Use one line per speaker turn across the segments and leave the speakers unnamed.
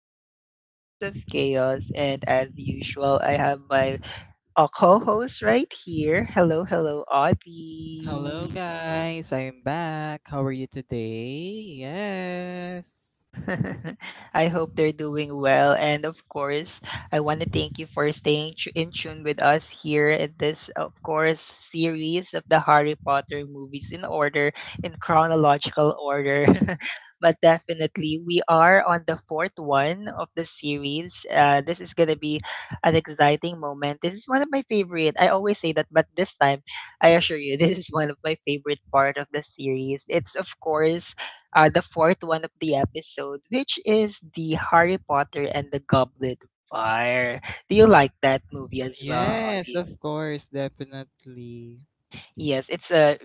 This is Two Cups of Chaos, and as usual, I have my co host right here. Hello, hello,
Hello
Audie.
guys, I'm back. How are you today? Yes.
I hope they're doing well. And of course, I want to thank you for staying in tune with us here at this, of course, series of the Harry Potter movies in order, in chronological order. But definitely, we are on the fourth one of the series. This is going to be an exciting moment. This is one of my favorite. I always say that, but this time, I assure you, this is one of my favorite part of the series. It's, of course, the fourth one of the episode, which is the Harry Potter and the Goblet of Fire. Do you like that movie as well,
Yes,
Augie?
of course, definitely.
Yes, it's a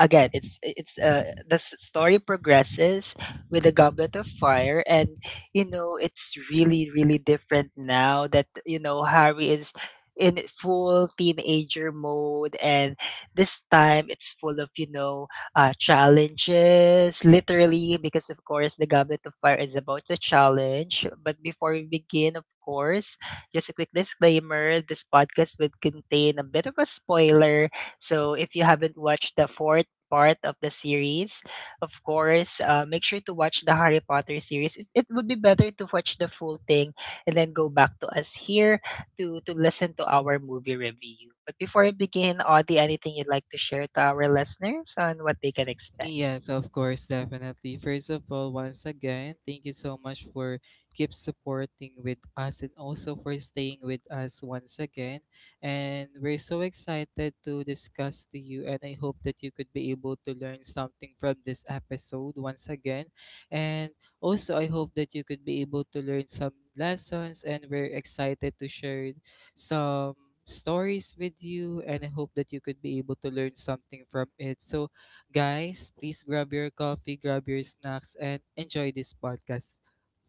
again, it's the story progresses with a goblet of fire, and you know, it's really really different now that you know Harry is in full teenager mode, and this time it's full of you know challenges literally because of course the goblet of fire is about the challenge. But before we begin, of course, just a quick disclaimer: this podcast would contain a bit of a spoiler, so if you haven't watched the fourth part of the series, of course, make sure to watch the Harry Potter series. It would be better to watch the full thing and then go back to us here to listen to our movie review. But before I begin, Audie, anything you'd like to share to our listeners on what they can expect?
Yes, of course, definitely. First of all, once again, thank you so much for keep supporting with us and also for staying with us once again. And we're so excited to discuss to you, and I hope that you could be able to learn something from this episode once again. And also, I hope that you could be able to learn some lessons, and we're excited to share some stories with you, and I hope that you could be able to learn something from it. So guys, please grab your coffee, grab your snacks, and enjoy this podcast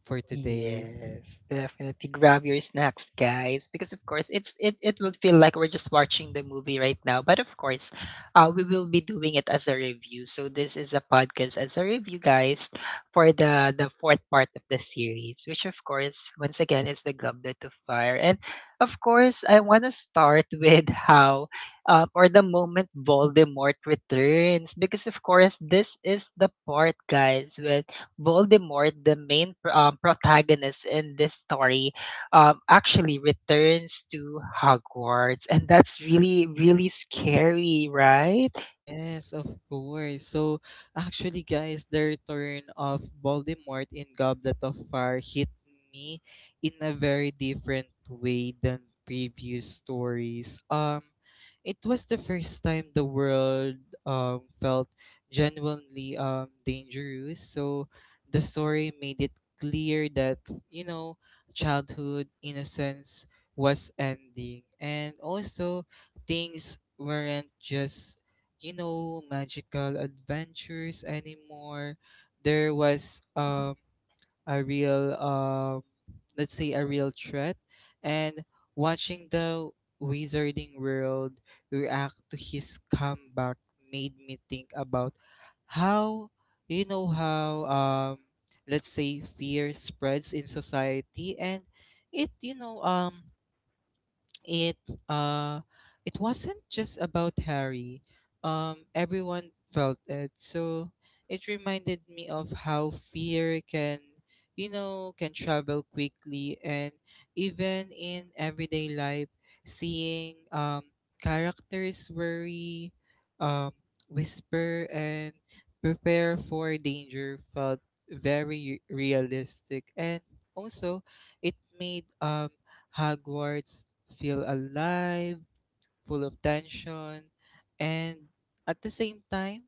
for today.
Yes, definitely. Grab your snacks, guys, because of course it will feel like we're just watching the movie right now. But of course, we will be doing it as a review. So this is a podcast as a review, guys, for the fourth part of the series, which of course once again is the Goblet of Fire. And of course, I want to start with how or the moment Voldemort returns, because of course this is the part, guys, when Voldemort, the main protagonist in this story, actually returns to Hogwarts, and that's really, really scary, right?
Yes, of course. So, actually, guys, the return of Voldemort in Goblet of Fire hit me in a very different way than previous stories. It was the first time the world felt genuinely dangerous. So, the story made it clear that you know childhood innocence was ending, and also things weren't just magical adventures anymore. There was a real let's say a real threat, and watching the wizarding world react to his comeback made me think about how how let's say fear spreads in society. And it you know it uh it wasn't just about Harry. Everyone felt it. So it reminded me of how fear can, can travel quickly, and even in everyday life, seeing characters worry, um whisper, and prepare for danger felt very realistic. And also, it made Hogwarts feel alive, full of tension, and at the same time,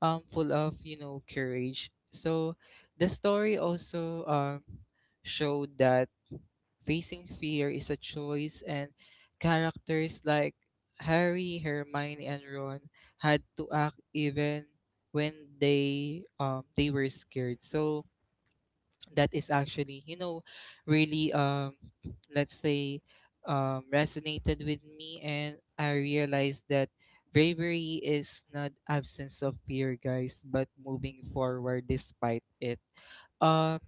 full of courage. So the story also showed that facing fear is a choice, and characters like Harry, Hermione, and Ron had to act even when they were scared. So that is actually, really, let's say, resonated with me, and I realized that bravery is not absence of fear, guys, but moving forward despite it um,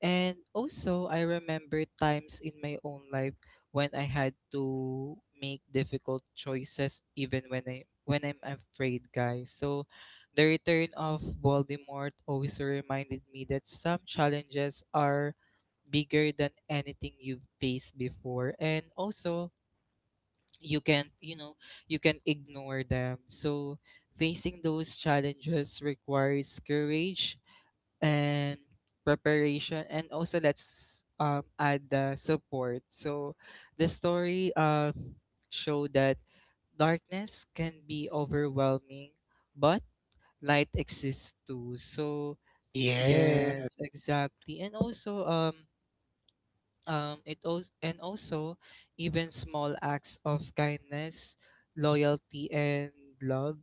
and also, I remember times in my own life when I had to make difficult choices, even when I'm afraid, guys. So, the return of Voldemort also reminded me that some challenges are bigger than anything you've faced before, and also you can you know you can ignore them. So, facing those challenges requires courage and preparation, and also, let's add the support. So the story, show that darkness can be overwhelming, but light exists too. So
Yeah.
yes, exactly. And also, it also, and also, even small acts of kindness, loyalty, and love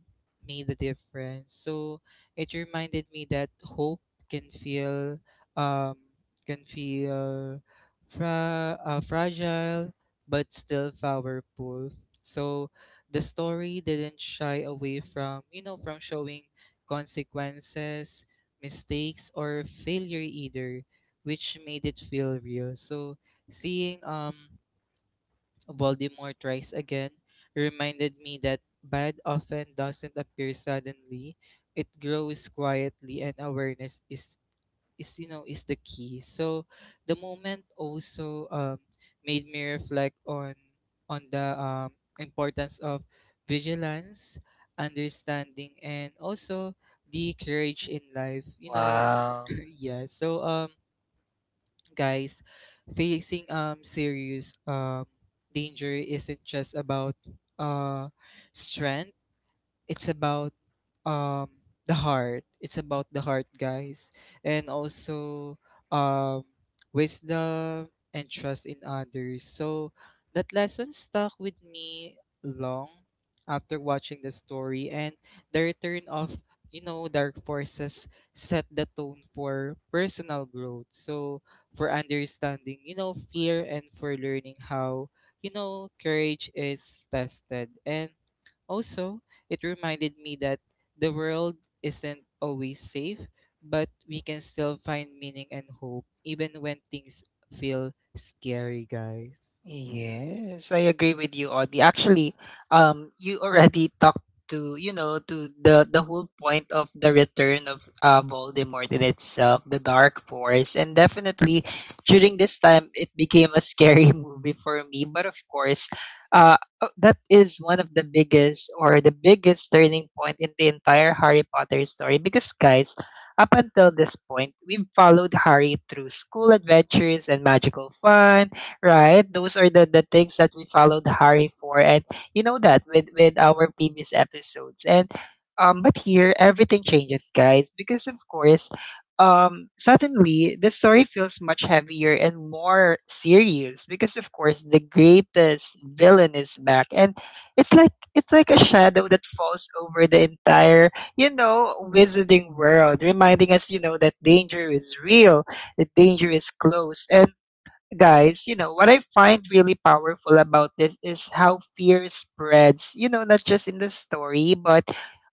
made a difference. So it reminded me that hope can feel um can feel fragile but still powerful. So the story didn't shy away from, from showing consequences, mistakes, or failure either, which made it feel real. So seeing Voldemort rise again reminded me that bad often doesn't appear suddenly. It grows quietly, and awareness is you know is the key. So the moment also made me reflect on the importance of vigilance, understanding, and also the courage in life. You know.
Wow.
Yeah. So, guys, facing serious danger isn't just about, uh strength. It's about, um the heart. It's about the heart, guys. And also, um wisdom and trust in others. So that lesson stuck with me long after watching the story, and the return of, dark forces set the tone for personal growth, so for understanding, fear, and for learning how, courage is tested. And also, it reminded me that the world isn't always safe, but we can still find meaning and hope even when things feel scary, guys.
Yes, I agree with you, Audie. Actually, you already talked to you know to the whole point of the return of Voldemort in itself, the Dark Force, and definitely during this time it became a scary movie for me. But of course, that is one of the biggest or the biggest turning point in the entire Harry Potter story, because guys, up until this point, we've followed Harry through school adventures and magical fun, right? Those are the things that we followed Harry for. And you know that with our previous episodes. And But here everything changes, guys, because of course, suddenly the story feels much heavier and more serious because of course the greatest villain is back. And it's like a shadow that falls over the entire, you know, wizarding world, reminding us, you know, that danger is real, that danger is close. And guys, you know, what I find really powerful about this is how fear spreads, you know, not just in the story, but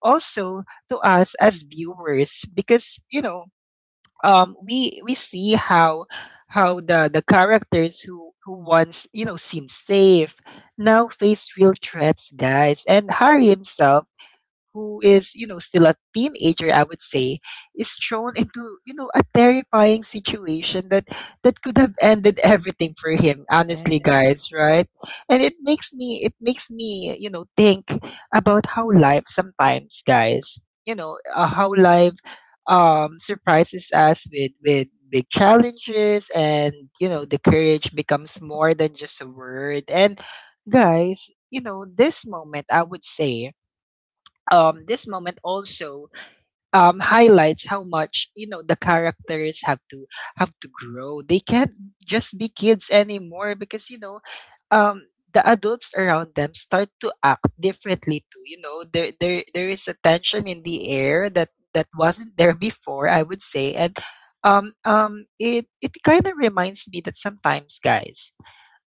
also to us as viewers because, you know, we see how how the characters who once, you know, seem safe now face real threats, guys. And Harry himself, who is, you know, still a teenager, I would say, is thrown into, you know, a terrifying situation that could have ended everything for him,
Yeah.
honestly, guys, right? And it makes me, you know, think about how life sometimes, guys, you know, how life surprises us with big challenges, and you know the courage becomes more than just a word. And guys, you know, this moment, I would say, this moment also highlights how much you know the characters have to grow. They can't just be kids anymore, because you know um, the adults around them start to act differently too. You know, there is a tension in the air that wasn't there before, I would say. And. It kind of reminds me that sometimes, guys,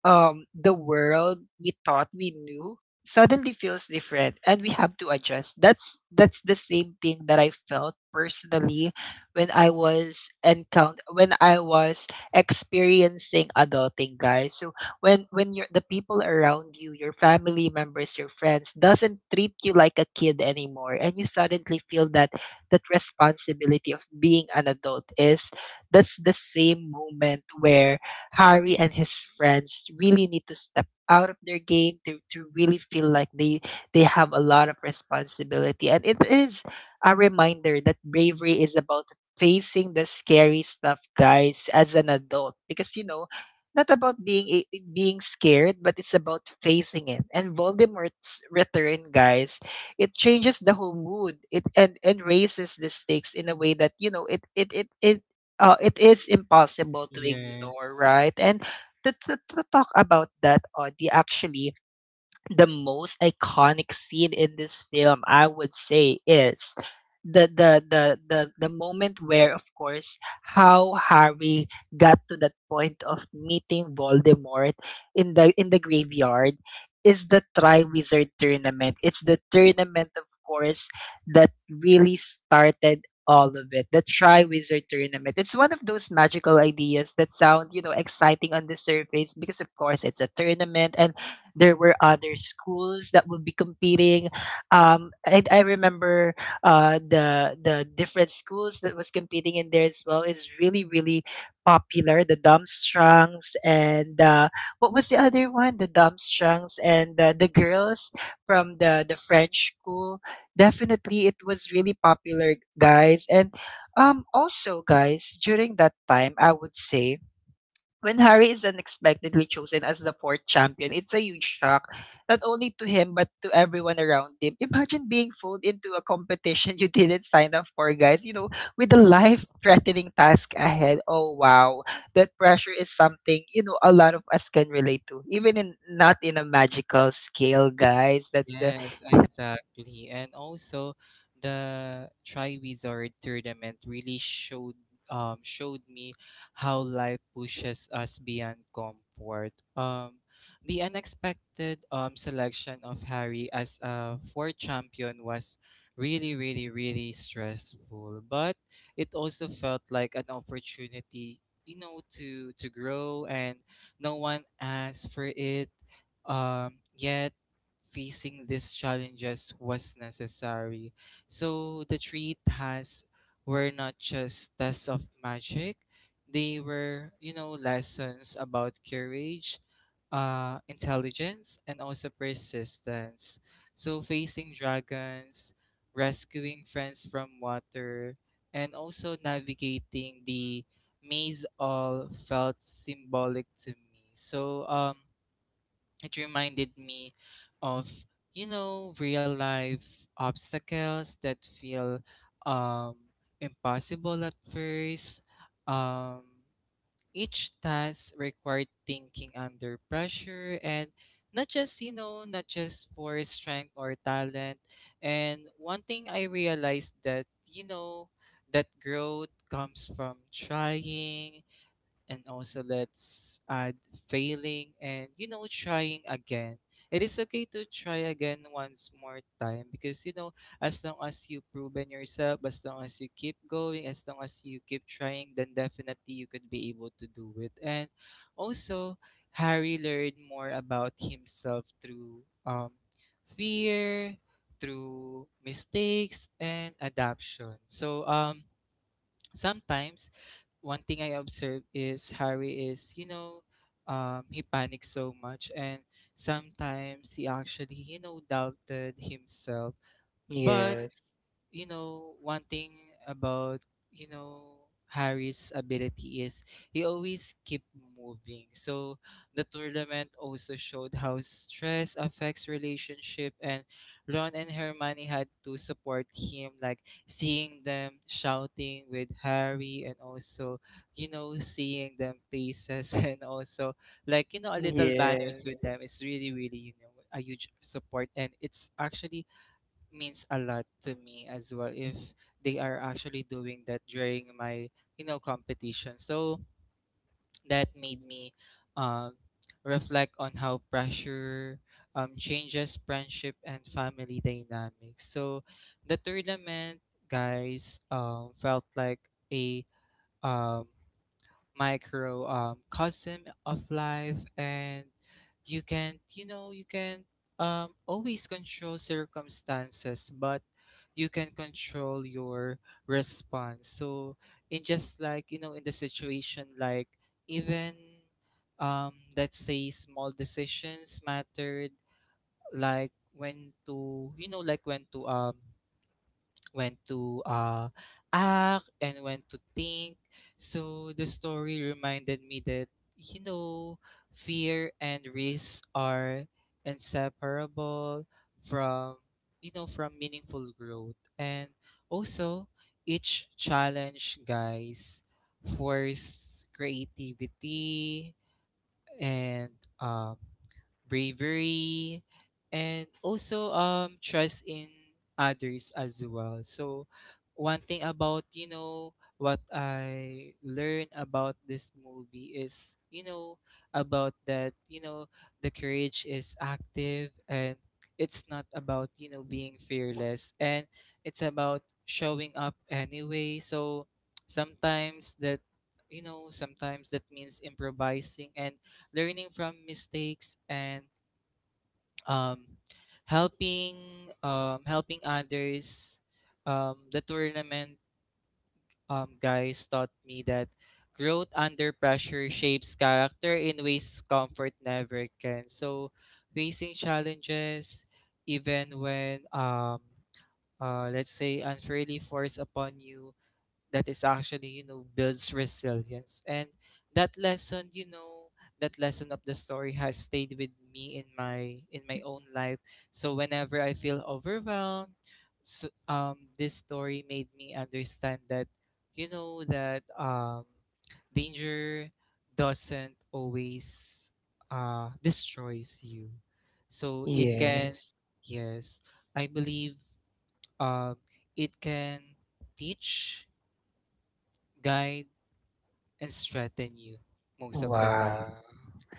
the world we thought we knew suddenly feels different and we have to adjust. That's the same thing that I felt personally when I was experiencing adulting, guys. So when you're the people around you, your family members, your friends, doesn't treat you like a kid anymore, and you suddenly feel that responsibility of being an adult is, that's the same moment where Harry and his friends really need to step out of their game to, really feel like they have a lot of responsibility. And it is a reminder that bravery is about facing the scary stuff, guys, as an adult. Because you know, not about being being scared, but it's about facing it. And Voldemort's return, guys, it changes the whole mood. It and raises the stakes in a way that you know it is impossible to
Yes.
ignore, right? And to, talk about that, Audie, actually, the most iconic scene in this film, I would say, is the moment where, of course, how Harry got to that point of meeting Voldemort in the graveyard is the Triwizard tournament. It's the tournament, of course, that really started all of it. The Triwizard tournament, it's one of those magical ideas that sound you know exciting on the surface because of course it's a tournament and there were other schools that would be competing. I remember the different schools that was competing in there as well is really really popular. The Dumstrangs and what was the other one? The Dumstrangs and the girls from the French school. Definitely, it was really popular, guys. And also, guys, during that time, I would say, when Harry is unexpectedly chosen as the fourth champion, it's a huge shock, not only to him but to everyone around him. Imagine being pulled into a competition you didn't sign up for, guys, you know, with a life-threatening task ahead. Oh wow. That pressure is something, you know, a lot of us can relate to. Even in not in a magical scale, guys. That's the
Yes, exactly. And also, the Triwizard tournament really showed me how life pushes us beyond comfort. The unexpected selection of Harry as a four champion was really, really, really stressful, but it also felt like an opportunity to grow, and no one asked for it, yet facing these challenges was necessary. So the three tasks were not just tests of magic, they were, lessons about courage, intelligence, and also persistence. So facing dragons, rescuing friends from water, and also navigating the maze all felt symbolic to me. So it reminded me of, real life obstacles that feel um, impossible at first. um, each task required thinking under pressure, and not just for strength or talent. And one thing I realized, that that growth comes from trying, and also, let's add, failing, and, trying again. It is okay to try again once more time, because as long as you proven yourself, as long as you keep going, as long as you keep trying, then definitely you could be able to do it. And also, Harry learned more about himself through, fear, through mistakes and adaption. So, sometimes, one thing I observe is Harry is, he panics so much, and sometimes he actually, doubted himself. But,
Yes.
one thing about, you know, Harry's ability is he always keep moving. So the tournament also showed how stress affects relationship, and Ron and Hermione had to support him. Like seeing them shouting with Harry, and also, seeing them faces and also like, a little banners
Yes.
with them, it's really, really, a huge support. And it's actually means a lot to me as well if they are actually doing that during my, competition. So that made me um reflect on how pressure changes friendship and family dynamics. So the tournament, guys, felt like a, um micro cosm of life. And you can, you can always control circumstances, but you can control your response. So, in, just like, in the situation, like, even, let's say, small decisions mattered. Like when to, like when to went to act, and went to think. So the story reminded me that, you know fear and risk are inseparable from, from meaningful growth. And also, each challenge, guys, force creativity and, um, bravery, and also trust in others as well. So one thing about, what I learned about this movie is, about that, the courage is active, and it's not about, being fearless, and it's about showing up anyway. So sometimes, that you know sometimes that means improvising and learning from mistakes, and um, helping, helping others. The tournament, guys, taught me that growth under pressure shapes character in ways comfort never can. So facing challenges, even when, let's say, unfairly forced upon you, that is actually, builds resilience. And that lesson you know that lesson of the story has stayed with me in my own life. So whenever I feel overwhelmed. So, this story made me understand that, that danger doesn't always, destroys you. So it can.
Yes.
Yes, I believe um it can teach, guide, and strengthen you most of the time.
Wow.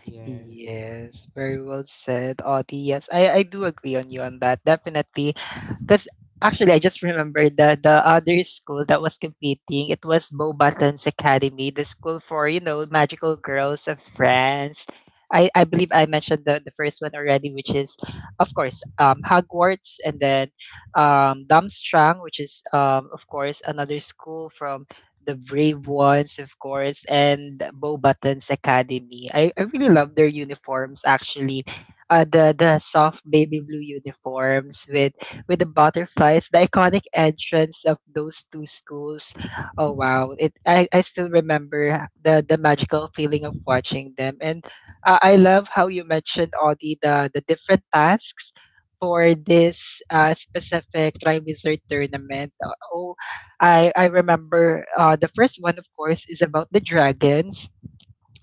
Yes.
Yes, very well said, Audie. Yes, I do agree on you on that. Definitely. Because actually, I just remembered the other school that was competing. It was Beaubaton's Academy, the school for, you know, magical girls of France. I believe I mentioned the first one already, which is, of course, Hogwarts, and then Darmstrang, which is, of course, another school from the Brave Ones, of course, and Bo Button's Academy. I really love their uniforms actually. The soft baby blue uniforms with the butterflies, the iconic entrance of those two schools. Oh wow. It I still remember the magical feeling of watching them. And I love how you mentioned, Audie, the different tasks for this specific Triwizard tournament. Oh, I remember the first one, of course, is about the dragons.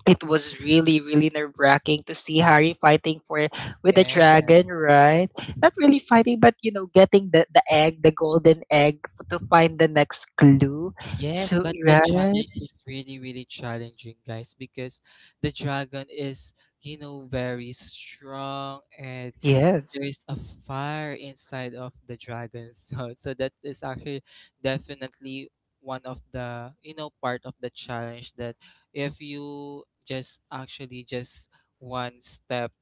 It was really really nerve wracking to see Harry fighting for with the
Yeah.
dragon, right? Not really fighting, but you know, getting the egg, the golden egg, to find the next clue.
Yes,
So
but the
right,
challenge is really, really challenging, guys, because the dragon is, very strong, and
yes.
there is a fire inside of the dragon So that is actually definitely one of the, part of the challenge, that if you just actually just one step,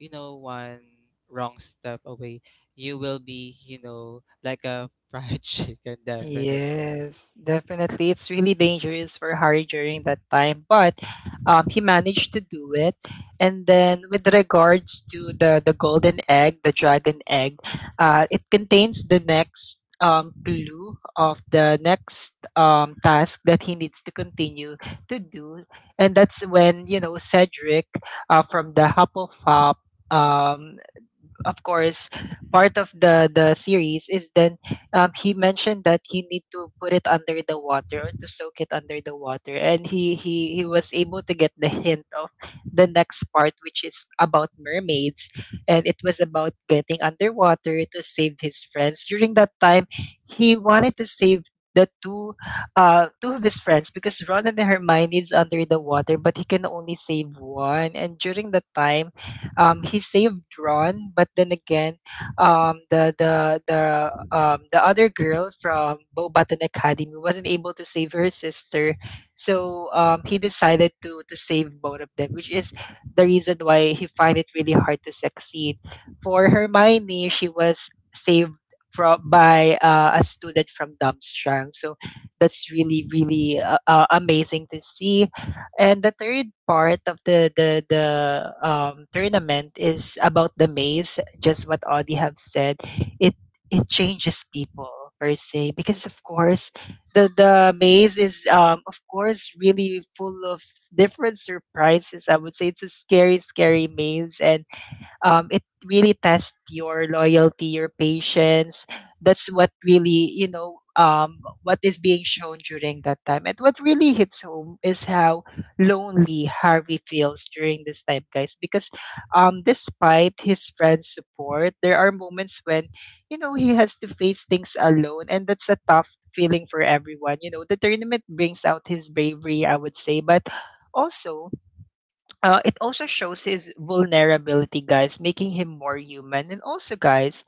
one wrong step away, you will be, like a fried chicken, definitely.
Yes, definitely. It's really dangerous for Harry during that time, but he managed to do it. And then, with regards to the golden egg, the dragon egg, it contains the next clue of the next task that he needs to continue to do, and that's when you know Cedric, from the Hufflepuff. Um, of course, part of the series is then he mentioned that you need to put it under the water or to soak it under the water, and he was able to get the hint of the next part, which is about mermaids, and it was about getting underwater to save his friends. During that time, he wanted to save the two two of his friends because Ron and Hermione is under the water, but he can only save one. And during the time he saved Ron, but then again, the other girl from Bowbatan Academy wasn't able to save her sister, so he decided to save both of them, which is the reason why he find it really hard to succeed. For Hermione, she was saved from by a student from Dumbstrang, so that's really amazing to see. And the third part of the tournament is about the maze. Just what Audie have said, it it changes people per se because of course the maze is of course really full of different surprises. I would say it's a scary maze, and it really tests your loyalty, your patience. That's what really, what is being shown during that time. And what really hits home is how lonely Harvey feels during this time, guys, because despite his friends' support, there are moments when, he has to face things alone. And that's a tough feeling for everyone. You know, the tournament brings out his bravery, I would say. But also, it also shows his vulnerability, guys, making him more human. And also, guys,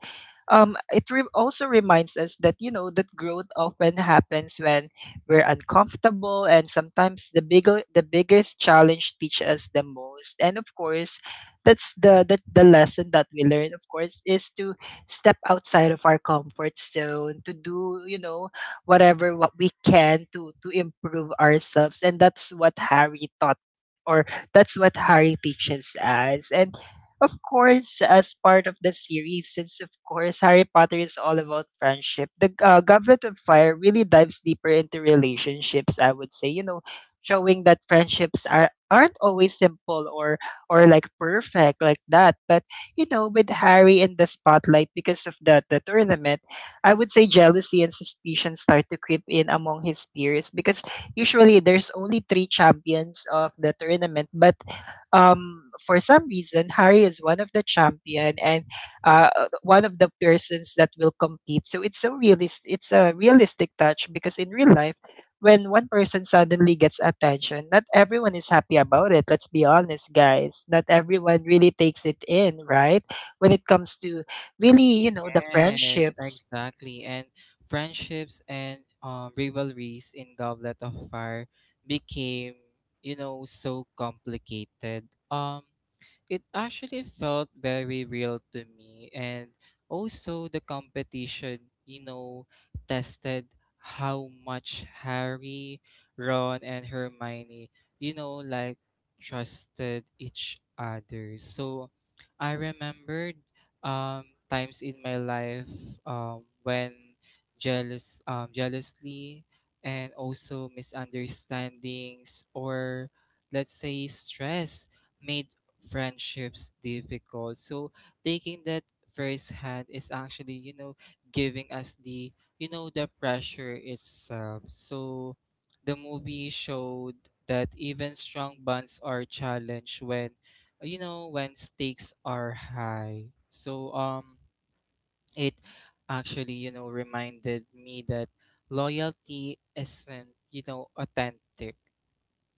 also reminds us, that you know, that growth often happens when we're uncomfortable, and sometimes the biggest challenge teach us the most. And of course, that's the lesson that we learn. Of course, is to step outside of our comfort zone to do, you know, whatever what we can to improve ourselves, and that's what Harry taught, or that's what Harry teaches us. And of course, as part of the series, since of course Harry Potter is all about friendship, Goblet of Fire really dives deeper into relationships. I would say, you know, showing that friendships are aren't always simple or like perfect like that. But you know, with Harry in the spotlight because of the tournament, I would say jealousy and suspicion start to creep in among his peers because usually there's only three champions of the tournament, but for some reason Harry is one of the champion and one of the persons that will compete. So it's a realistic touch because in real life, when one person suddenly gets attention, not everyone is happy about it. Let's be honest, guys. Not everyone really takes it in, right? When it comes to really, you know, the
Yes,
friendships.
exactly. And friendships and, rivalries in Goblet of Fire became, so complicated. It actually felt very real to me. And also, the competition, you know tested how much Harry, Ron, and Hermione, like, trusted each other. So I remembered times in my life, when jealously, and also misunderstandings, or let's say stress, made friendships difficult. So taking that first hand is actually, giving us the, the pressure itself. So the movie showed that even strong bonds are challenged when, when stakes are high. So, it actually, reminded me that loyalty isn't, authentic.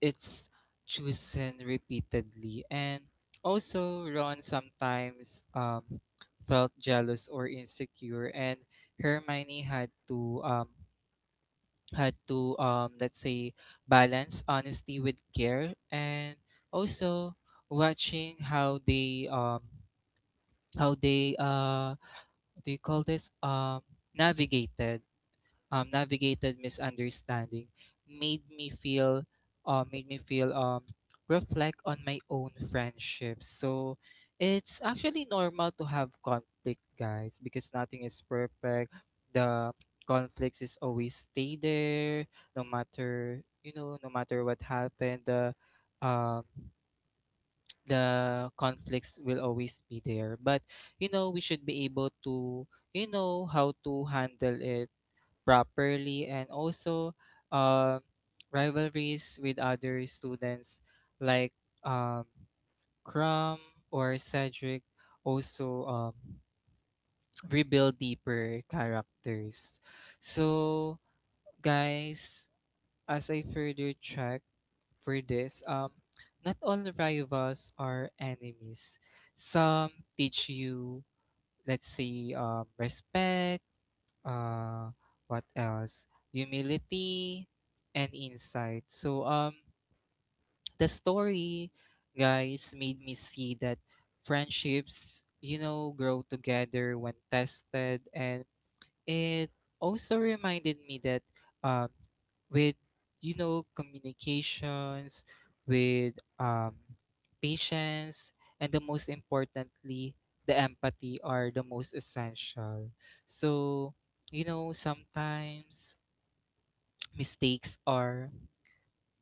It's chosen repeatedly. And also, Ron sometimes felt jealous or insecure, and Hermione had to let's say balance honesty with care, and also watching how they what do you call this navigated navigated misunderstanding made me feel uh, made me feel um, reflect on my own friendships. So it's actually normal to have conflict, guys, because nothing is perfect. The Conflicts is always stay there, no matter, no matter what happened, um the conflicts will always be there. But you know, we should be able to, you know, how to handle it properly. And also uh, rivalries with other students, like um, Crum or Cedric, also rebuild deeper characters. So guys, as I further check for this, not all rivals are enemies. Some teach you, let's say, respect, uh what else, humility, and insight. So the story, guys, made me see that friendships, you know, grow together when tested. And it also reminded me that um, with, you know, communications with patience, and the most importantly, the empathy are the most essential. So you know, sometimes mistakes are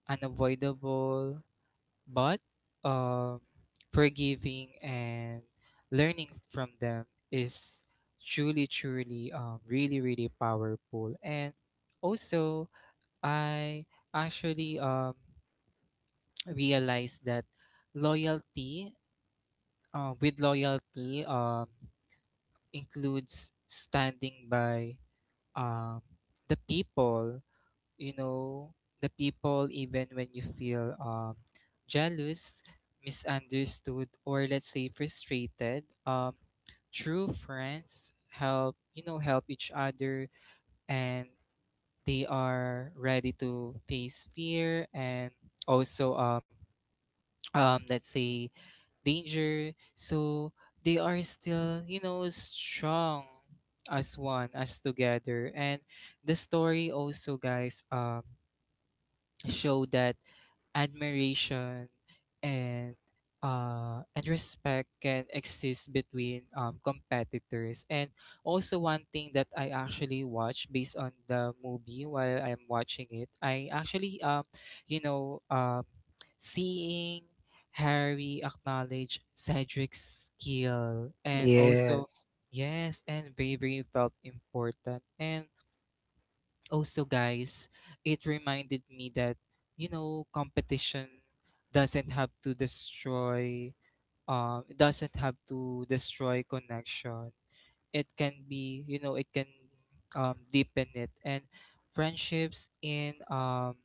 unavoidable, but um, forgiving and learning from them is truly, really powerful. And also I actually realized that loyalty, with loyalty, includes standing by, um, the you know people, even when you feel jealous, misunderstood, or let's say frustrated. True friends help you know help each other, and they are ready to face fear and also let's say danger. So they are still, you know, strong as one, as together. And the story also, guys, show that admiration and and respect can exist between competitors. And also one thing that I actually watch based on the movie, while I'm watching it, I actually you know um, seeing Harry acknowledge Cedric's skill, and also
Yes.
yes, and bravery felt important. And also guys, it reminded me that you know, competition doesn't have to destroy, it doesn't have to destroy connection. It can be, you know, it can deepen it. And friendships in um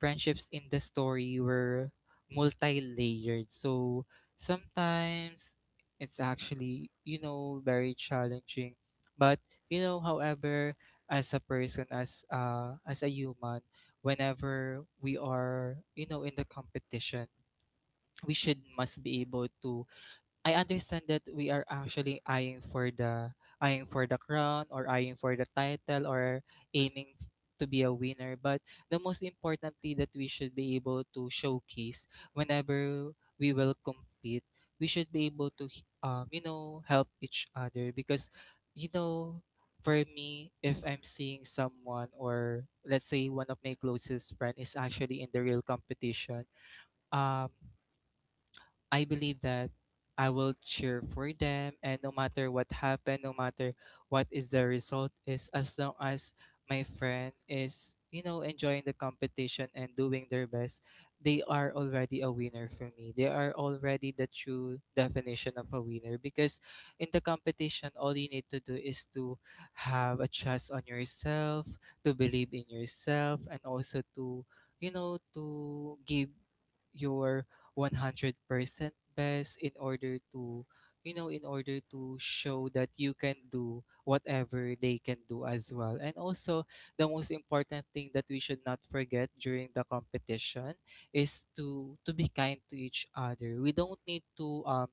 friendships in the story were multi-layered. So sometimes it's actually, you know, very challenging. But you know, however, as a person, as a human, whenever we are, you know, in the competition, we should must be able to. I understand that we are actually eyeing for the crown, or eyeing for the title, or aiming to be a winner. But the most importantly, that we should be able to showcase, whenever we will compete, we should be able to you know, help each other, because you know, for me, if I'm seeing someone, or let's say one of my closest friend is actually in the real competition, um I believe that I will cheer for them, and no matter what happened, no matter what is the result is, as long as my friend is, you know, enjoying the competition and doing their best, they are already a winner for me. They are already the true definition of a winner. Because in the competition, all you need to do is to have a trust on yourself, to believe in yourself, and also to, you know, to give your 100% best in order to, you know, in order to show that you can do whatever they can do as well. And also the most important thing that we should not forget during the competition is to be kind to each other. We don't need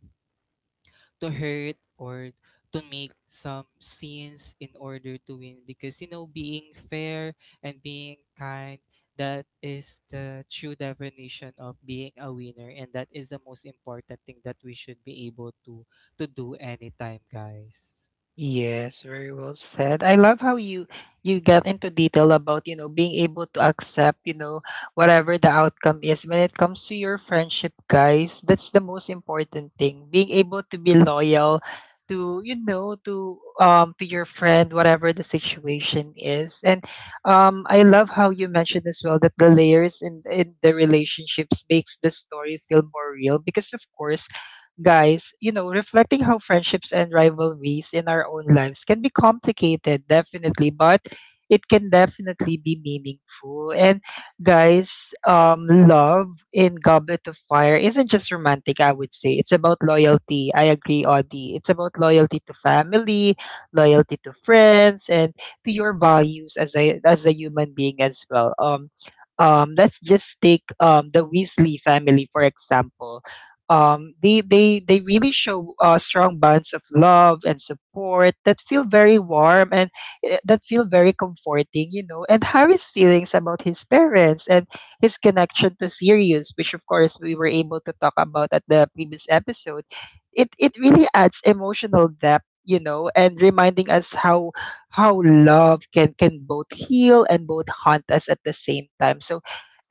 to hurt, or to make some scenes in order to win. Because you know, being fair and being kind, that is the true definition of being a winner, and that is the most important thing that we should be able to do anytime, guys.
Yes, very well said. I love how you get into detail about, you know, being able to accept, you know, whatever the outcome is when it comes to your friendship, guys. That's the most important thing. Being able to be loyal to, you know, to your friend whatever the situation is. And I love how you mentioned as well that the layers in the relationships makes the story feel more real because of course, guys, you know, reflecting how friendships and rivalries in our own lives can be complicated, definitely, but it can definitely be meaningful. And guys, love in Goblet of Fire isn't just romantic, I would say. It's about loyalty. I agree, Audie. It's about loyalty to family, loyalty to friends, and to your values as a human being as well. Let's just take the Weasley family for example. They really show strong bonds of love and support that feel very warm and that feel very comforting, you know. And Harry's feelings about his parents and his connection to Sirius, which of course we were able to talk about at the previous episode, it really adds emotional depth, you know, and reminding us how love can both heal and both haunt us at the same time. So,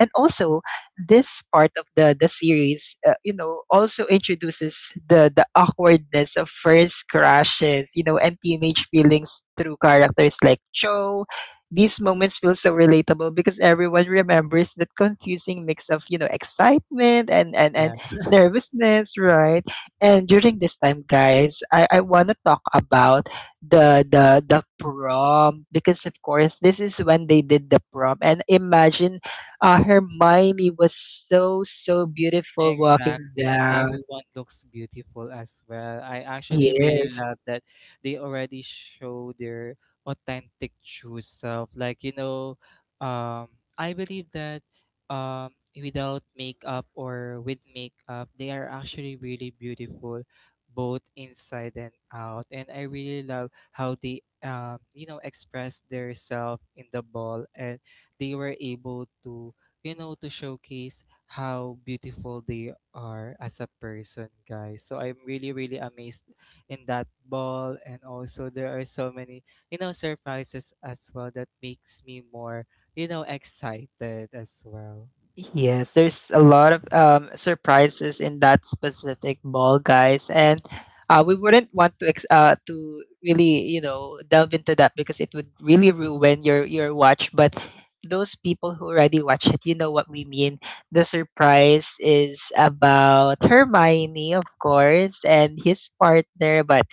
and also, this part of the series, you know, also introduces the awkwardness of first crushes, you know, and teenage feelings through characters like Cho. These moments feel so relatable because everyone remembers that confusing mix of, you know, excitement and nervousness, right? And during this time, guys, I want to talk about the prom, because of course this is when they did the prom. And imagine, Hermione was so beautiful walking
Exactly, and
down.
everyone looks beautiful as well. I actually really
Yes.
love that they already show their authentic true self. Like, you know, um, I believe that without makeup or with makeup, they are actually really beautiful both inside and out. And I really love how they, you know, express their self in the ball, and they were able to, you know, to showcase how beautiful they are as a person, guys. So I'm really, really amazed in that ball. And also, there are so many, you know, surprises as well that makes me more, you know, excited as well.
Yes, there's a lot of surprises in that specific mall, guys, and we wouldn't want to really, you know, delve into that because it would really ruin your watch. But those people who already watch it, you know what we mean. The surprise is about Hermione, of course, and his partner, but.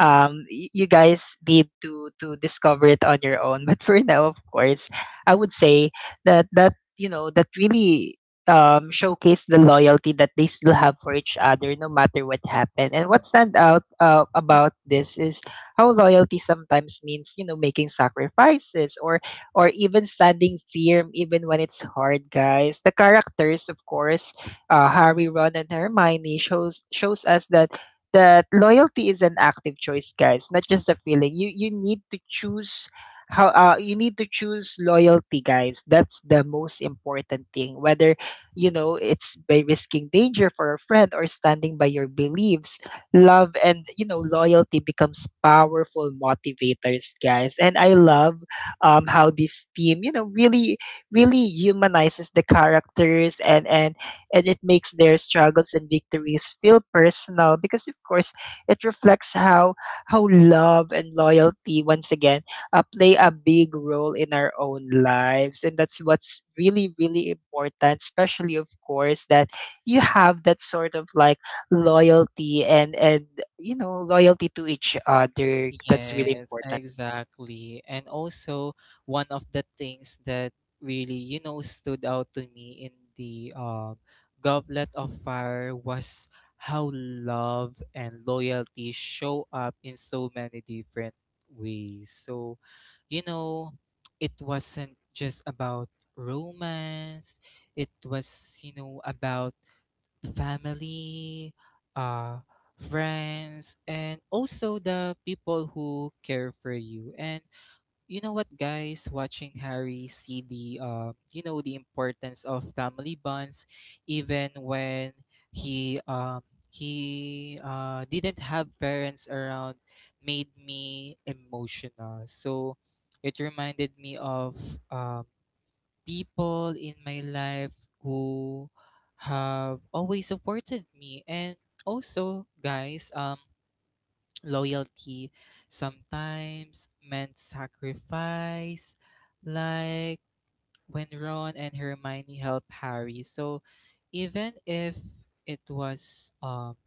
You guys need to discover it on your own. But for now, of course, I would say that you know that really showcase the loyalty that they still have for each other no matter what happened. And what stand out about this is how loyalty sometimes means, you know, making sacrifices or even standing firm even when it's hard, guys. The characters, of course, Harry, Ron and Hermione shows us that that loyalty is an active choice, guys, not just a feeling. You need to choose how, you need to choose loyalty, guys. That's the most important thing. Whether, you know, it's by risking danger for a friend or standing by your beliefs, love and, you know, loyalty becomes powerful motivators, guys. And I love how this team, you know, really really humanizes the characters, and it makes their struggles and victories feel personal, because of course it reflects how love and loyalty once again play a big role in our own lives. And that's what's really really important, especially of course, that you have that sort of like loyalty and you know, loyalty to each other. That's really
Yes,
important.
exactly. And also, one of the things that really, you know, stood out to me in the Goblet of Fire was how love and loyalty show up in so many different ways. So, you know, it wasn't just about romance, it was, you know, about family, uh, friends, and also the people who care for you. And you know what, guys, watching Harry see the, you know, the importance of family bonds, even when he, um, he didn't have parents around, made me emotional. So it reminded me of um, people in my life who have always supported me. And also guys, loyalty sometimes meant sacrifice, like when Ron and Hermione helped Harry. So even if it was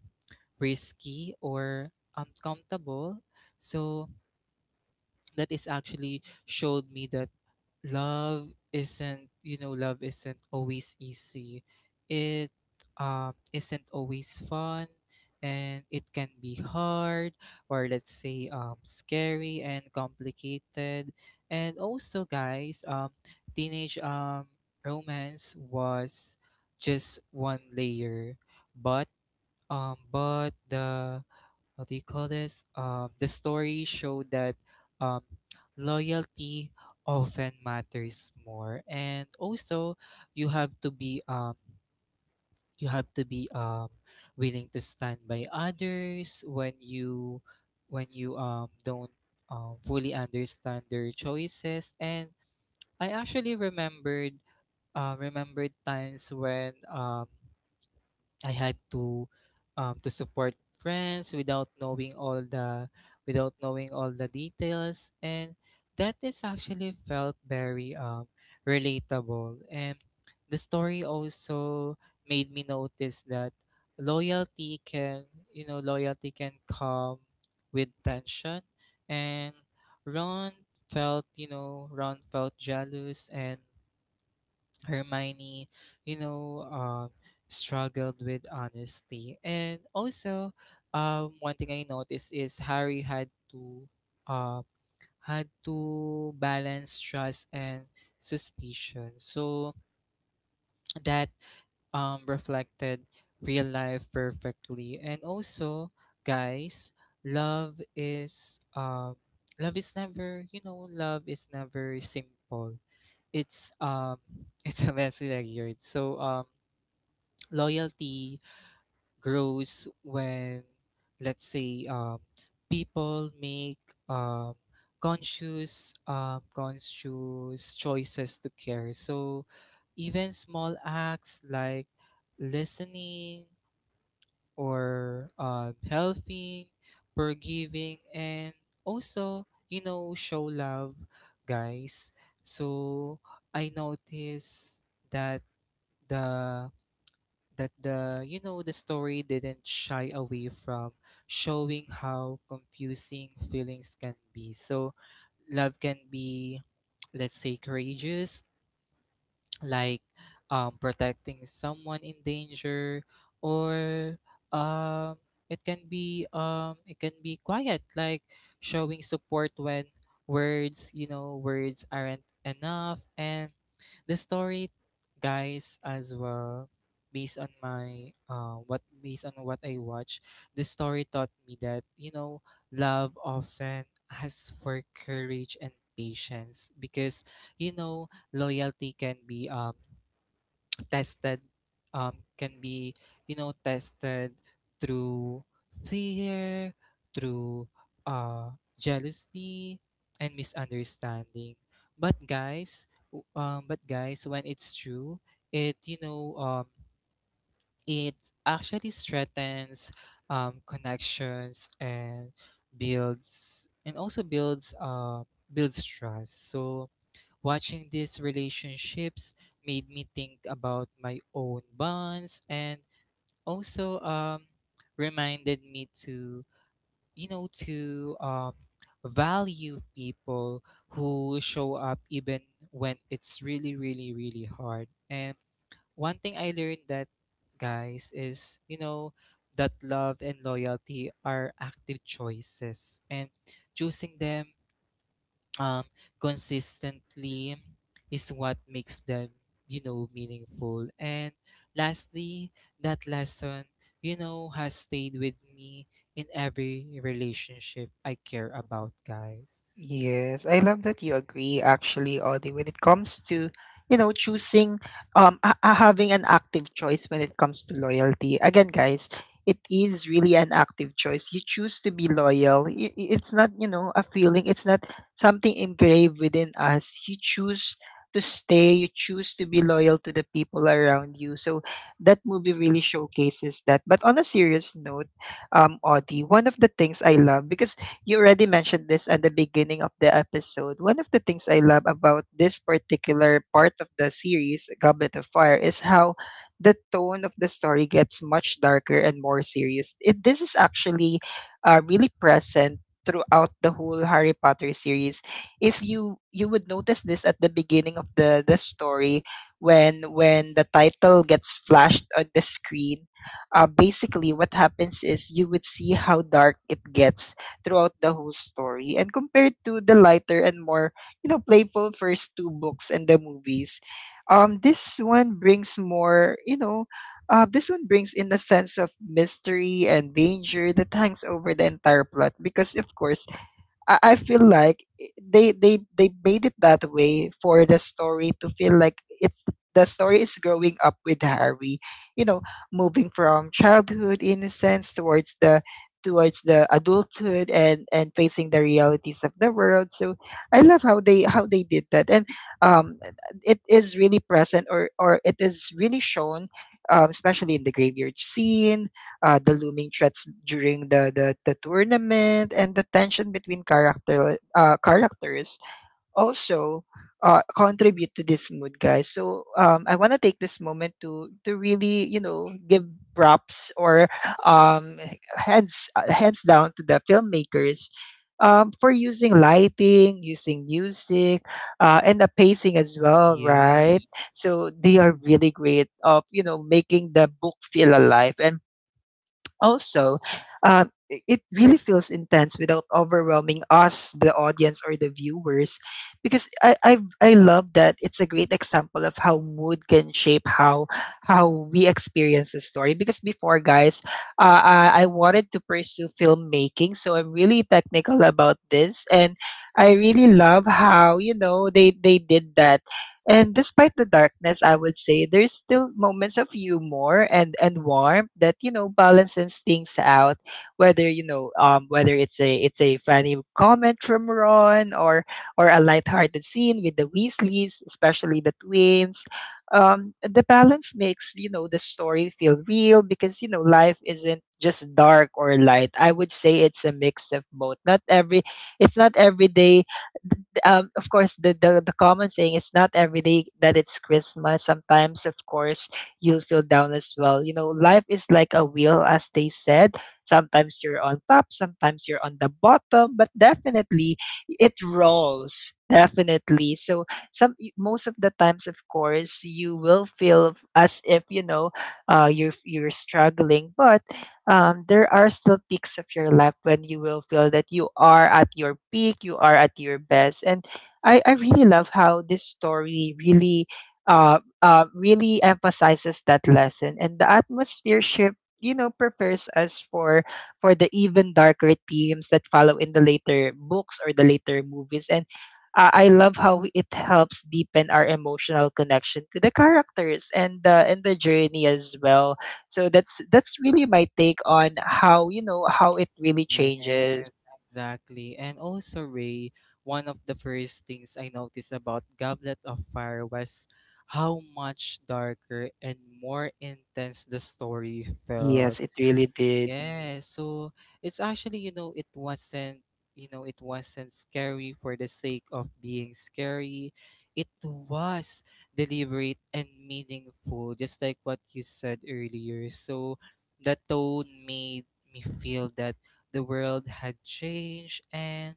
risky or uncomfortable. So that is actually showed me that love isn't always easy. It isn't always fun, and it can be hard, or let's say scary and complicated. And also guys, teenage romance was just one layer. But but the what do you call this? The story showed that um, loyalty often matters more. And also you have to be you have to be um, willing to stand by others when you don't fully understand their choices. And I actually remembered times when I had to support friends without knowing all the without knowing all the details. And that is actually felt very relatable. And the story also made me notice that loyalty can come with tension. And Ron felt, you know Ron felt jealous. And Hermione, you know, struggled with honesty. And also, one thing I noticed is Harry had uh, to balance trust and suspicion. So that reflected real life perfectly. And also, guys, love is never, you know, love is never simple. It's it's a messy like yard. So loyalty grows when, let's say, people make um, conscious choices to care. So even small acts like listening, or helping, forgiving, and also, you know, show love, guys. So I notice that the that the you know, the story didn't shy away from showing how confusing feelings can be. So love can be, let's say, courageous, like protecting someone in danger, or um, it can be quiet, like showing support when, words you know words aren't enough. And the story, guys, as well, based on my what based on what I watch, the story taught me that, you know, love often asks for courage and patience. Because you know, loyalty can be, tested um, tested through fear, through uh, jealousy and misunderstanding. But but guys, when it's true, it, you know, it actually strengthens, connections and builds and also builds builds trust. So watching these relationships made me think about my own bonds. And also reminded me to, you know, to value people who show up even when it's really, really, really hard. And one thing I learned that, guys, is, you know, that love and loyalty are active choices. And choosing them um consistently is what makes them, you know, meaningful. And lastly, that lesson, you know, has stayed with me in every relationship I care about, guys.
Yes, I love that you agree actually, Audie, when it comes to, you know, choosing, having an active choice when it comes to loyalty. Again, guys, it is really an active choice. You choose to be loyal. It's not, you know, a feeling. It's not something engraved within us. You choose to stay. You choose to be loyal to the people around you. So that movie really showcases that. But on a serious note, Audie, one of the things I love, because you already mentioned this at the beginning of the episode. One of the things I love about this particular part of the series, Goblet of Fire, is how the tone of the story gets much darker and more serious. It, this is actually really present throughout the whole Harry Potter series. If you would notice this at the beginning of the story, when the title gets flashed on the screen, basically what happens is you would see how dark it gets throughout the whole story. And compared to the lighter and more, you know, playful first two books and the movies, this one brings more, you know, this one brings in a sense of mystery and danger that hangs over the entire plot, because of course, I feel like they made it that way for the story to feel like it's the story is growing up with Harry, you know, moving from childhood innocence towards the adulthood and facing the realities of the world. So I love how they did that, and um, it is really present, or it is really shown, especially in the graveyard scene, the looming threats during the tournament, and the tension between characters also contribute to this mood, guys. So I want to take this moment to really, you know, give props or um, hands down to the filmmakers. For using lighting, using music, and the pacing as well,
Yeah.
right? So they are really great of, you know, making the book feel alive. And also, it really feels intense without overwhelming us, the audience or the viewers, because I love that it's a great example of how mood can shape how we experience the story. Because before, guys, I wanted to pursue filmmaking, so I'm really technical about this, and I really love how, you know, they did that. And despite the darkness, I would say there's still moments of humor and warmth that, you know, balances things out. Whether, you know, whether it's a funny comment from Ron, or a lighthearted scene with the Weasleys, especially the twins. The balance makes, you know, the story feel real, because you know life isn't just dark or light. I would say it's a mix of both. Not every it's not every day, of course, the common saying is not every day that it's Christmas. Sometimes, of course, you'll feel down as well. You know, life is like a wheel, as they said. Sometimes you're on top, sometimes you're on the bottom, but definitely it rolls. Definitely. So some most of the times, of course, you will feel as if you know you're struggling, but there are still peaks of your life when you will feel that you are at your peak, you are at your best. And I really love how this story really, really emphasizes that lesson. And the atmosphere shift, you know, prepares us for the even darker themes that follow in the later books or the later movies. And I love how it helps deepen our emotional connection to the characters and the journey as well, so that's really my take on how, you know, how it really
Yes,
changes.
exactly. And also, Ray, one of the first things I noticed about Goblet of Fire was how much darker and more intense the story felt.
Yes, it really did.
Yeah, so it's actually, you know, it wasn't scary for the sake of being scary. It was deliberate and meaningful, just like what you said earlier. So the tone made me feel that the world had changed, and,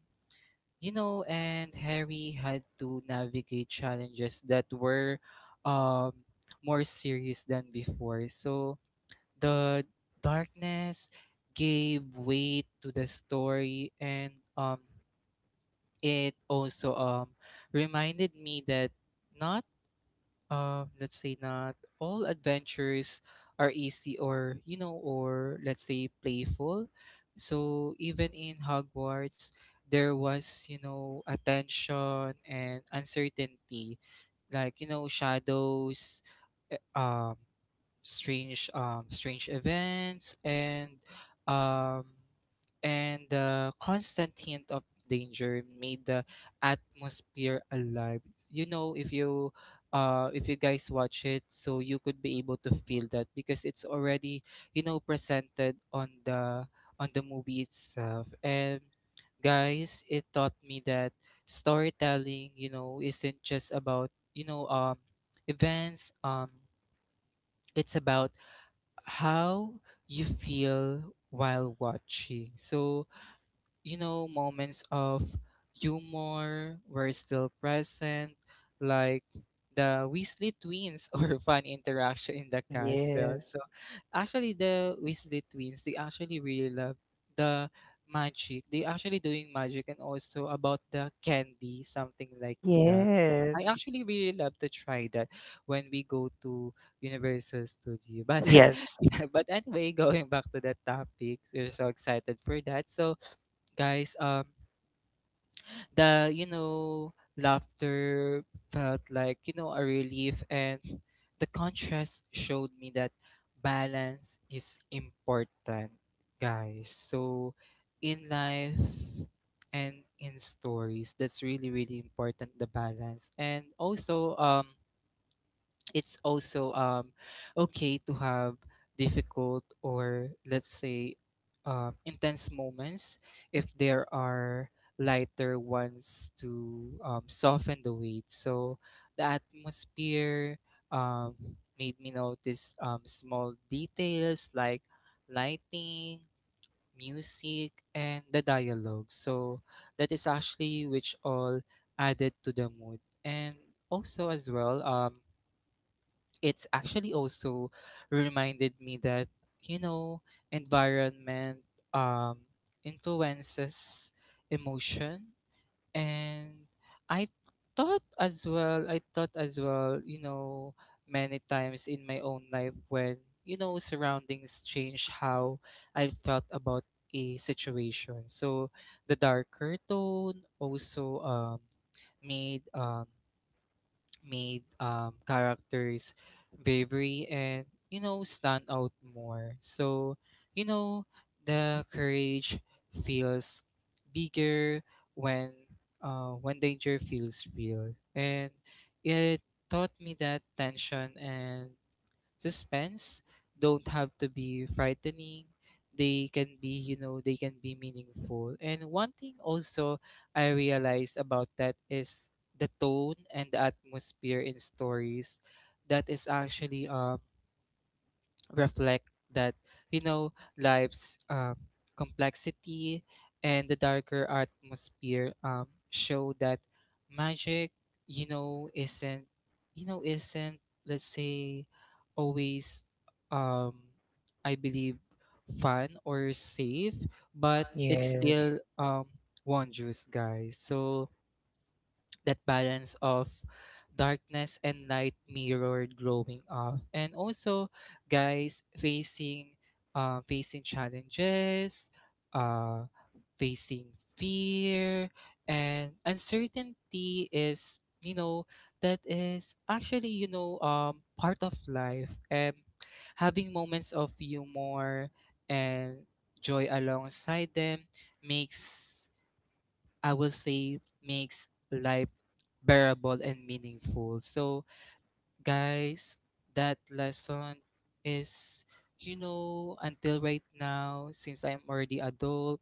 you know, and Harry had to navigate challenges that were um more serious than before. So the darkness gave weight to the story. And it also reminded me that not let's say, not all adventures are easy, or you know, or let's say playful. So even in Hogwarts there was, you know, attention and uncertainty, like you know, shadows, eh, um strange events, um and the constant hint of danger made the atmosphere alive. You know, if you guys watch it, so you could be able to feel that because it's already, you know, presented on the movie itself. And guys, it taught me that storytelling, you know, isn't just about, you know events it's about how you feel while watching. So you know, moments of humor were still present, like the Weasley twins or fun interaction in the castle.
Yes.
So actually the Weasley twins, they actually really love the magic. They actually doing magic, and also about the candy, something like that. I
Yes.
actually really love to try that when we go to Universal Studio. But
Yes.
yeah, but anyway, going back to the topic, we're so excited for that. So guys, the laughter felt like a relief, and the contrast showed me that balance is important, guys, so in life and in stories. That's really, really important, the balance. And also it's also okay to have difficult or, let's say, intense moments if there are lighter ones to soften the weight. So the atmosphere um, made me notice small details like lighting, music, and the dialogue, so that is actually which all added to the mood. And also, as well, it's actually also reminded me that, you know, environment um influences emotion. And i I thought as well, you know, many times in my own life when, you know, surroundings change how I felt about a situation. So the darker tone also made um made characters' bravery and, you know, stand out more. So, you know, the courage feels bigger when when danger feels real. And it taught me that tension and suspense don't have to be frightening. They can be, you know, they can be meaningful. And one thing also I realized about that is the tone and the atmosphere in stories, that is actually reflect that, you know, life's complexity. And the darker atmosphere show that magic, isn't isn't, let's say, always um I believe fun or safe, but it's
Yes.
still wondrous, guys. So that balance of darkness and light mirrored growing up, and also, guys, facing facing challenges, uh, facing fear and uncertainty is, you know, that is actually, you know, part of life. And having moments of humor and joy alongside them makes, I will say, makes life bearable and meaningful. So, guys, that lesson is, you know, until right now, since I'm already adult,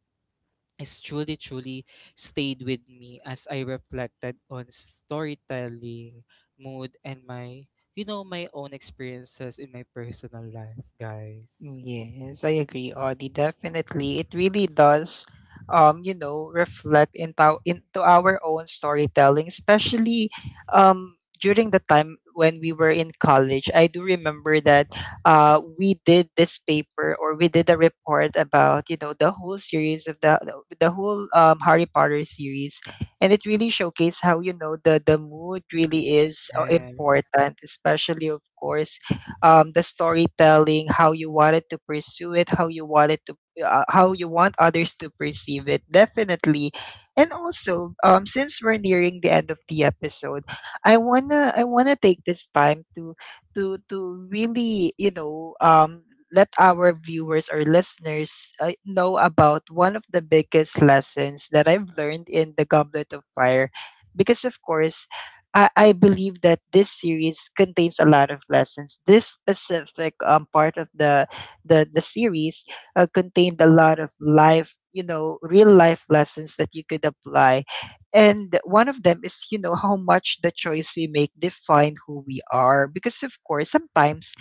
it's truly, truly stayed with me as I reflected on storytelling, mood, and my, you know, my own experiences in my personal life, guys.
Yes, I agree, Audie. Definitely. It really does, you know, reflect into our own storytelling, especially um during the time when we were in college. I do remember that we did this paper, or we did a report about, you know, the whole series of the whole Harry Potter series. And it really showcased how, you know, the mood really is
Yes,
important, especially of course the storytelling, how you wanted to pursue it, how you wanted to, how you want others to perceive it, definitely. And also, since we're nearing the end of the episode, I wanna take this time to, really, you know, let our viewers or listeners know about one of the biggest lessons that I've learned in the Goblet of Fire, because of course I believe that this series contains a lot of lessons. This specific part of the the series contained a lot of life, you know, real life lessons that you could apply. And one of them is, you know, how much the choice we make define who we are. Because of course, sometimes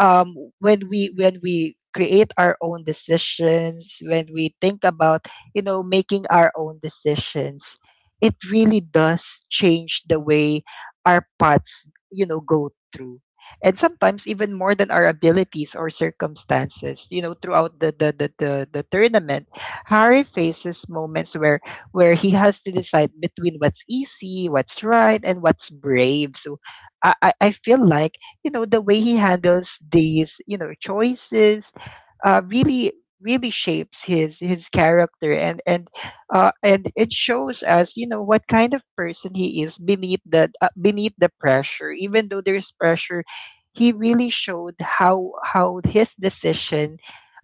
when we create our own decisions, when we think about, you know, making our own decisions, it really does change the way our paths, you know, go through. And sometimes even more than our abilities or circumstances, you know, throughout the the tournament, Harry faces moments where he has to decide between what's easy, what's right, and what's brave. So I feel like, you know, the way he handles these, you know, choices really really shapes his character and and it shows us, you know, what kind of person he is beneath the pressure. Even though there's pressure, he really showed how his decision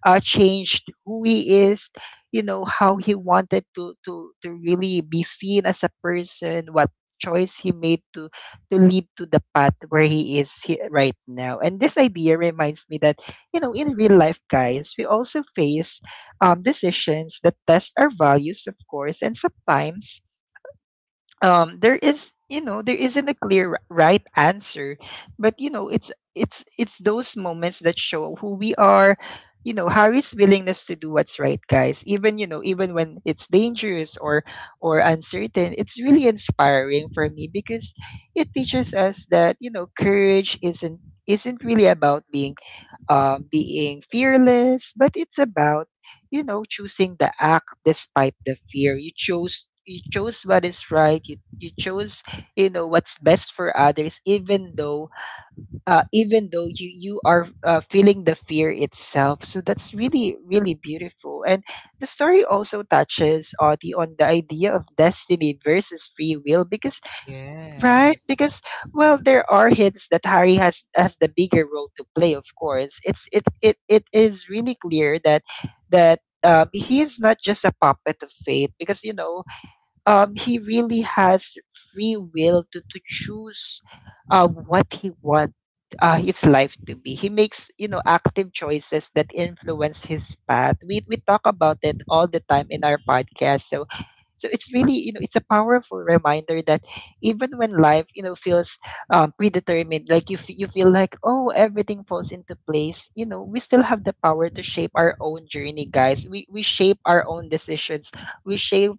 changed who he is, you know, how he wanted to to really be seen as a person, what choice he made to lead to the path where he is right now. And this idea reminds me that, you know, in real life, guys, we also face decisions that test our values, of course, and sometimes there is, you know, there isn't a clear right answer, but you know, it's those moments that show who we are. You know, Harry's willingness to do what's right, guys, even, you know, even when it's dangerous or uncertain, it's really inspiring for me because it teaches us that, you know, courage isn't really about being being fearless, but it's about, you know, choosing the act despite the fear. You chose, you chose what is right. You chose, you know, what's best for others, even though you are feeling the fear itself. So that's really really beautiful. And the story also touches on the idea of destiny versus free will, because right?
yes,
Because well, there are hints that Harry has the bigger role to play. Of course, it is really clear that he is not just a puppet of fate, because you know, he really has free will to choose what he wants his life to be. He makes, you know, active choices that influence his path. We talk about it all the time in our podcast. So, so it's really, you know, it's a powerful reminder that even when life, you know, feels predetermined, like you, you feel like, oh, everything falls into place, you know, we still have the power to shape our own journey, guys. We shape our own decisions, we shape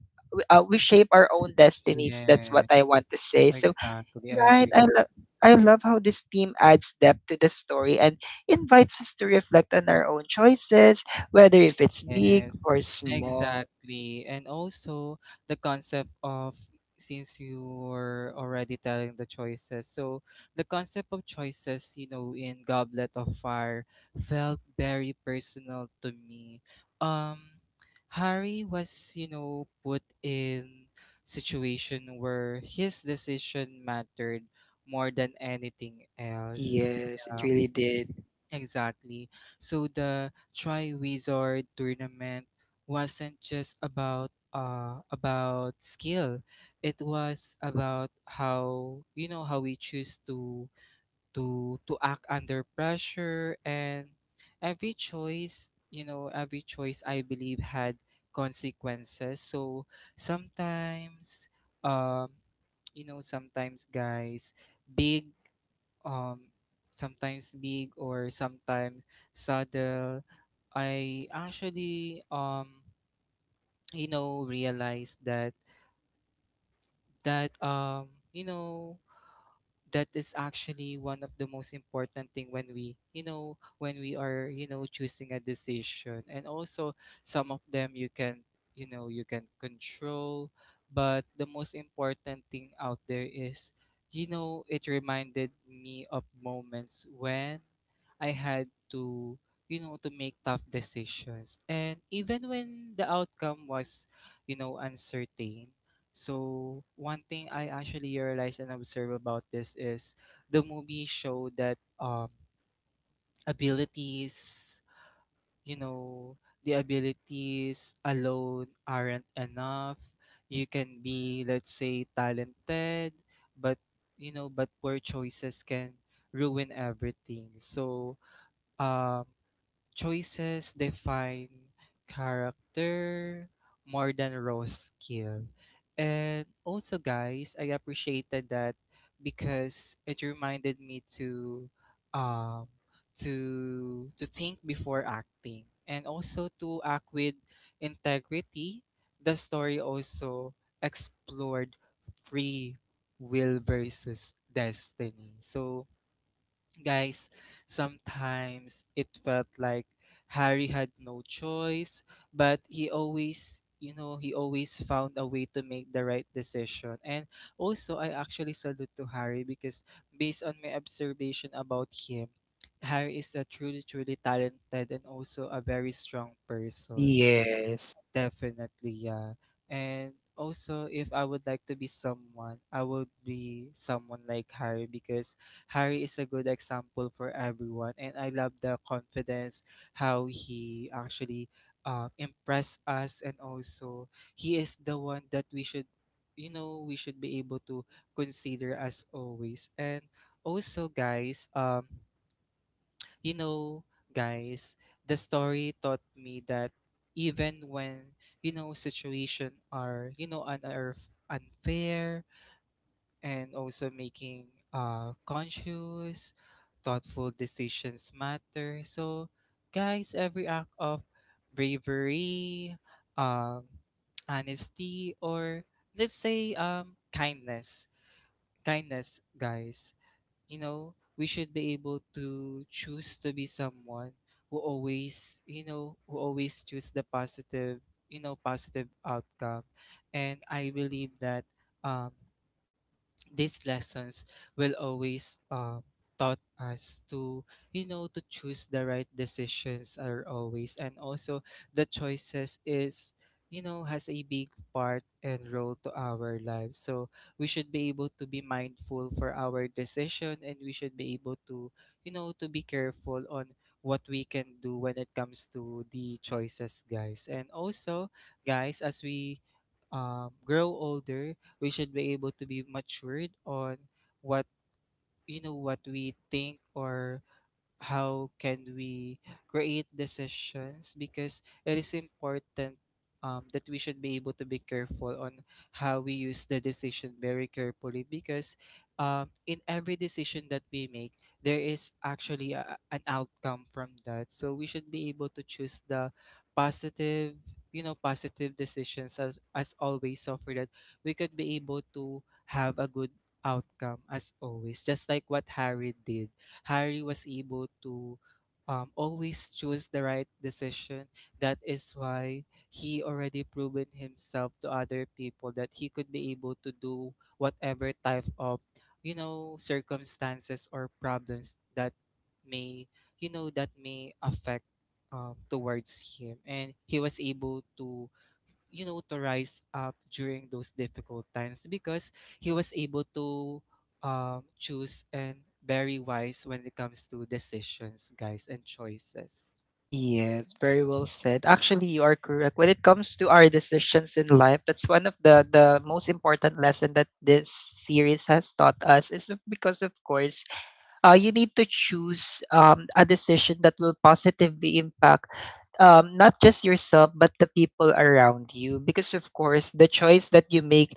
we shape our own destinies. That's what
yes.
I want to say. So,
Exactly, I
right, I
agree.
love. I love how this theme adds depth to the story and invites us to reflect on our own choices, whether if it's big
Yes,
or small.
exactly. And also the concept of, since you were already telling the choices, so the concept of choices, you know, in Goblet of Fire felt very personal to me. Um, Harry was, you know, put in situation where his decision mattered more than anything else.
Yes, it
Yeah.
really did.
Exactly. So the Tri Wizard tournament wasn't just about skill. It was about how, you know, how we choose to to act under pressure. And every choice, you know, every choice, I believe, had consequences. So sometimes, um you know, sometimes, guys, big, um sometimes big or sometimes subtle, I actually, you know, realized that you know, that is actually one of the most important thing when we, you know, when we are, you know, choosing a decision. And also some of them you can, you know, you can control, but the most important thing out there is, you know, it reminded me of moments when I had to, you know, to make tough decisions, and even when the outcome was, you know, uncertain. So one thing I actually realized and observe about this is the movie showed that abilities, you know, the abilities alone aren't enough. You can be, let's say, talented, but, you know, but poor choices can ruin everything. So um choices define character more than raw skill. And also, guys, I appreciated that because it reminded me to um to think before acting, and also to act with integrity. The story also explored free will versus destiny. So, guys, sometimes it felt like Harry had no choice, but he always, you know, he always found a way to make the right decision. And also, I actually salute to Harry because, based on my observation about him, Harry is a truly, truly talented and also a very strong person.
Yes.
Definitely, yeah. And also, if I would like to be someone, I would be someone like Harry, because Harry is a good example for everyone. And I love the confidence, how he actually impressed us. And also, he is the one that we should, you know, we should be able to consider as always. And also, guys, you know, guys, the story taught me that even when, you know, situation are, you know, unfair, and also making conscious, thoughtful decisions matter. So, guys, every act of bravery, um, honesty, or, let's say, kindness, guys, you know, we should be able to choose to be someone who always, you know, who always choose the positive, you know, positive outcome. And I believe that um these lessons will always taught us to, you know, to choose the right decisions are always. And also the choices is, you know, has a big part and role to our lives, so we should be able to be mindful for our decision, and we should be able to, you know, to be careful on what we can do when it comes to the choices, guys. And also, guys, as we grow older, we should be able to be matured on what, you know, what we think, or how can we create decisions, because it is important, that we should be able to be careful on how we use the decision very carefully, because, in every decision that we make there is actually a, an outcome from that. So we should be able to choose the positive, you know, positive decisions as always, so for that we could be able to have a good outcome as always, just like what Harry did. Harry was able to always choose the right decision. That is why he already proven himself to other people, that he could be able to do whatever type of, you know, circumstances or problems that may, you know, that may affect towards him. And he was able to, you know, to rise up during those difficult times because he was able to choose, and very wise when it comes to decisions, guys, and choices.
Yes, very well said. Actually, you are correct. When it comes to our decisions in life, that's one of the most important lesson that this series has taught us, is because of course you need to choose a decision that will positively impact not just yourself but the people around you, because of course the choice that you make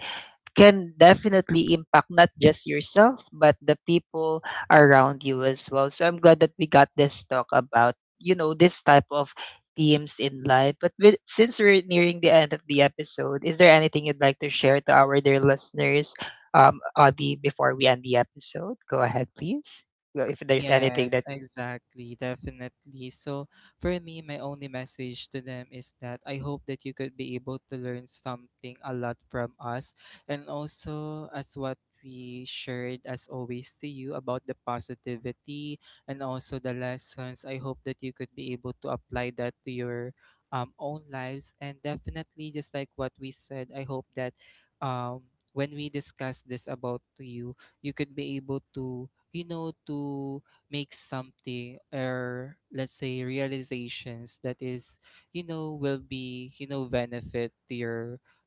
can definitely impact not just yourself but the people around you as well. So I'm glad that we got this talk about, you know, this type of themes in life. But with, since we're nearing the end of the episode, is there anything you'd like to share to our dear listeners, Adi, before we end the episode? Go ahead, please. Well, if there's anything
Yes,
that,
exactly, definitely. So for me, my only message to them is that I hope that you could be able to learn something a lot from us, and also as what we shared as always to you about the positivity and also the lessons. I hope that you could be able to apply that to your own lives. And definitely, just like what we said, I hope that um when we discuss this about to you, you could be able to, you know, to make something, or, let's say, realizations, that is, you know, will be, you know, benefit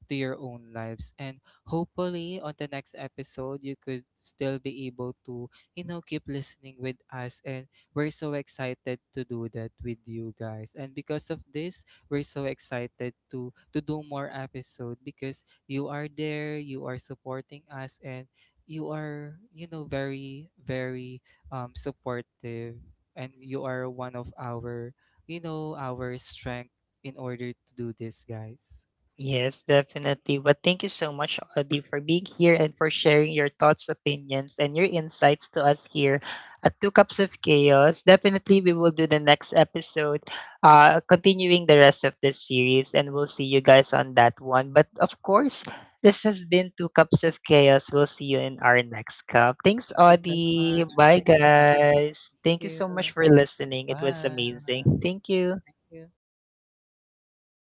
to your own lives. And hopefully on the next episode, you could still be able to, you know, keep listening with us. And we're so excited to do that with you, guys. And because of this, we're so excited to do more episode, because you are there, you are supporting us, and you are, you know, very, very supportive, and you are one of our, you know, our strength in order to do this, guys.
yes, definitely. But thank you so much, Audie, for being here and for sharing your thoughts, opinions, and your insights to us here at Two Cups of Chaos. Definitely, we will do the next episode, continuing the rest of this series, and we'll see you guys on that one. But of course, this has been Two Cups of Chaos. We'll see you in our next cup. Thanks,
Thank you so
Audie.
much. Bye,
Bye,
guys.
guys.
Thank
Thank you so
you.
much for listening. It was amazing.
Bye.
Thank you.
Thank you.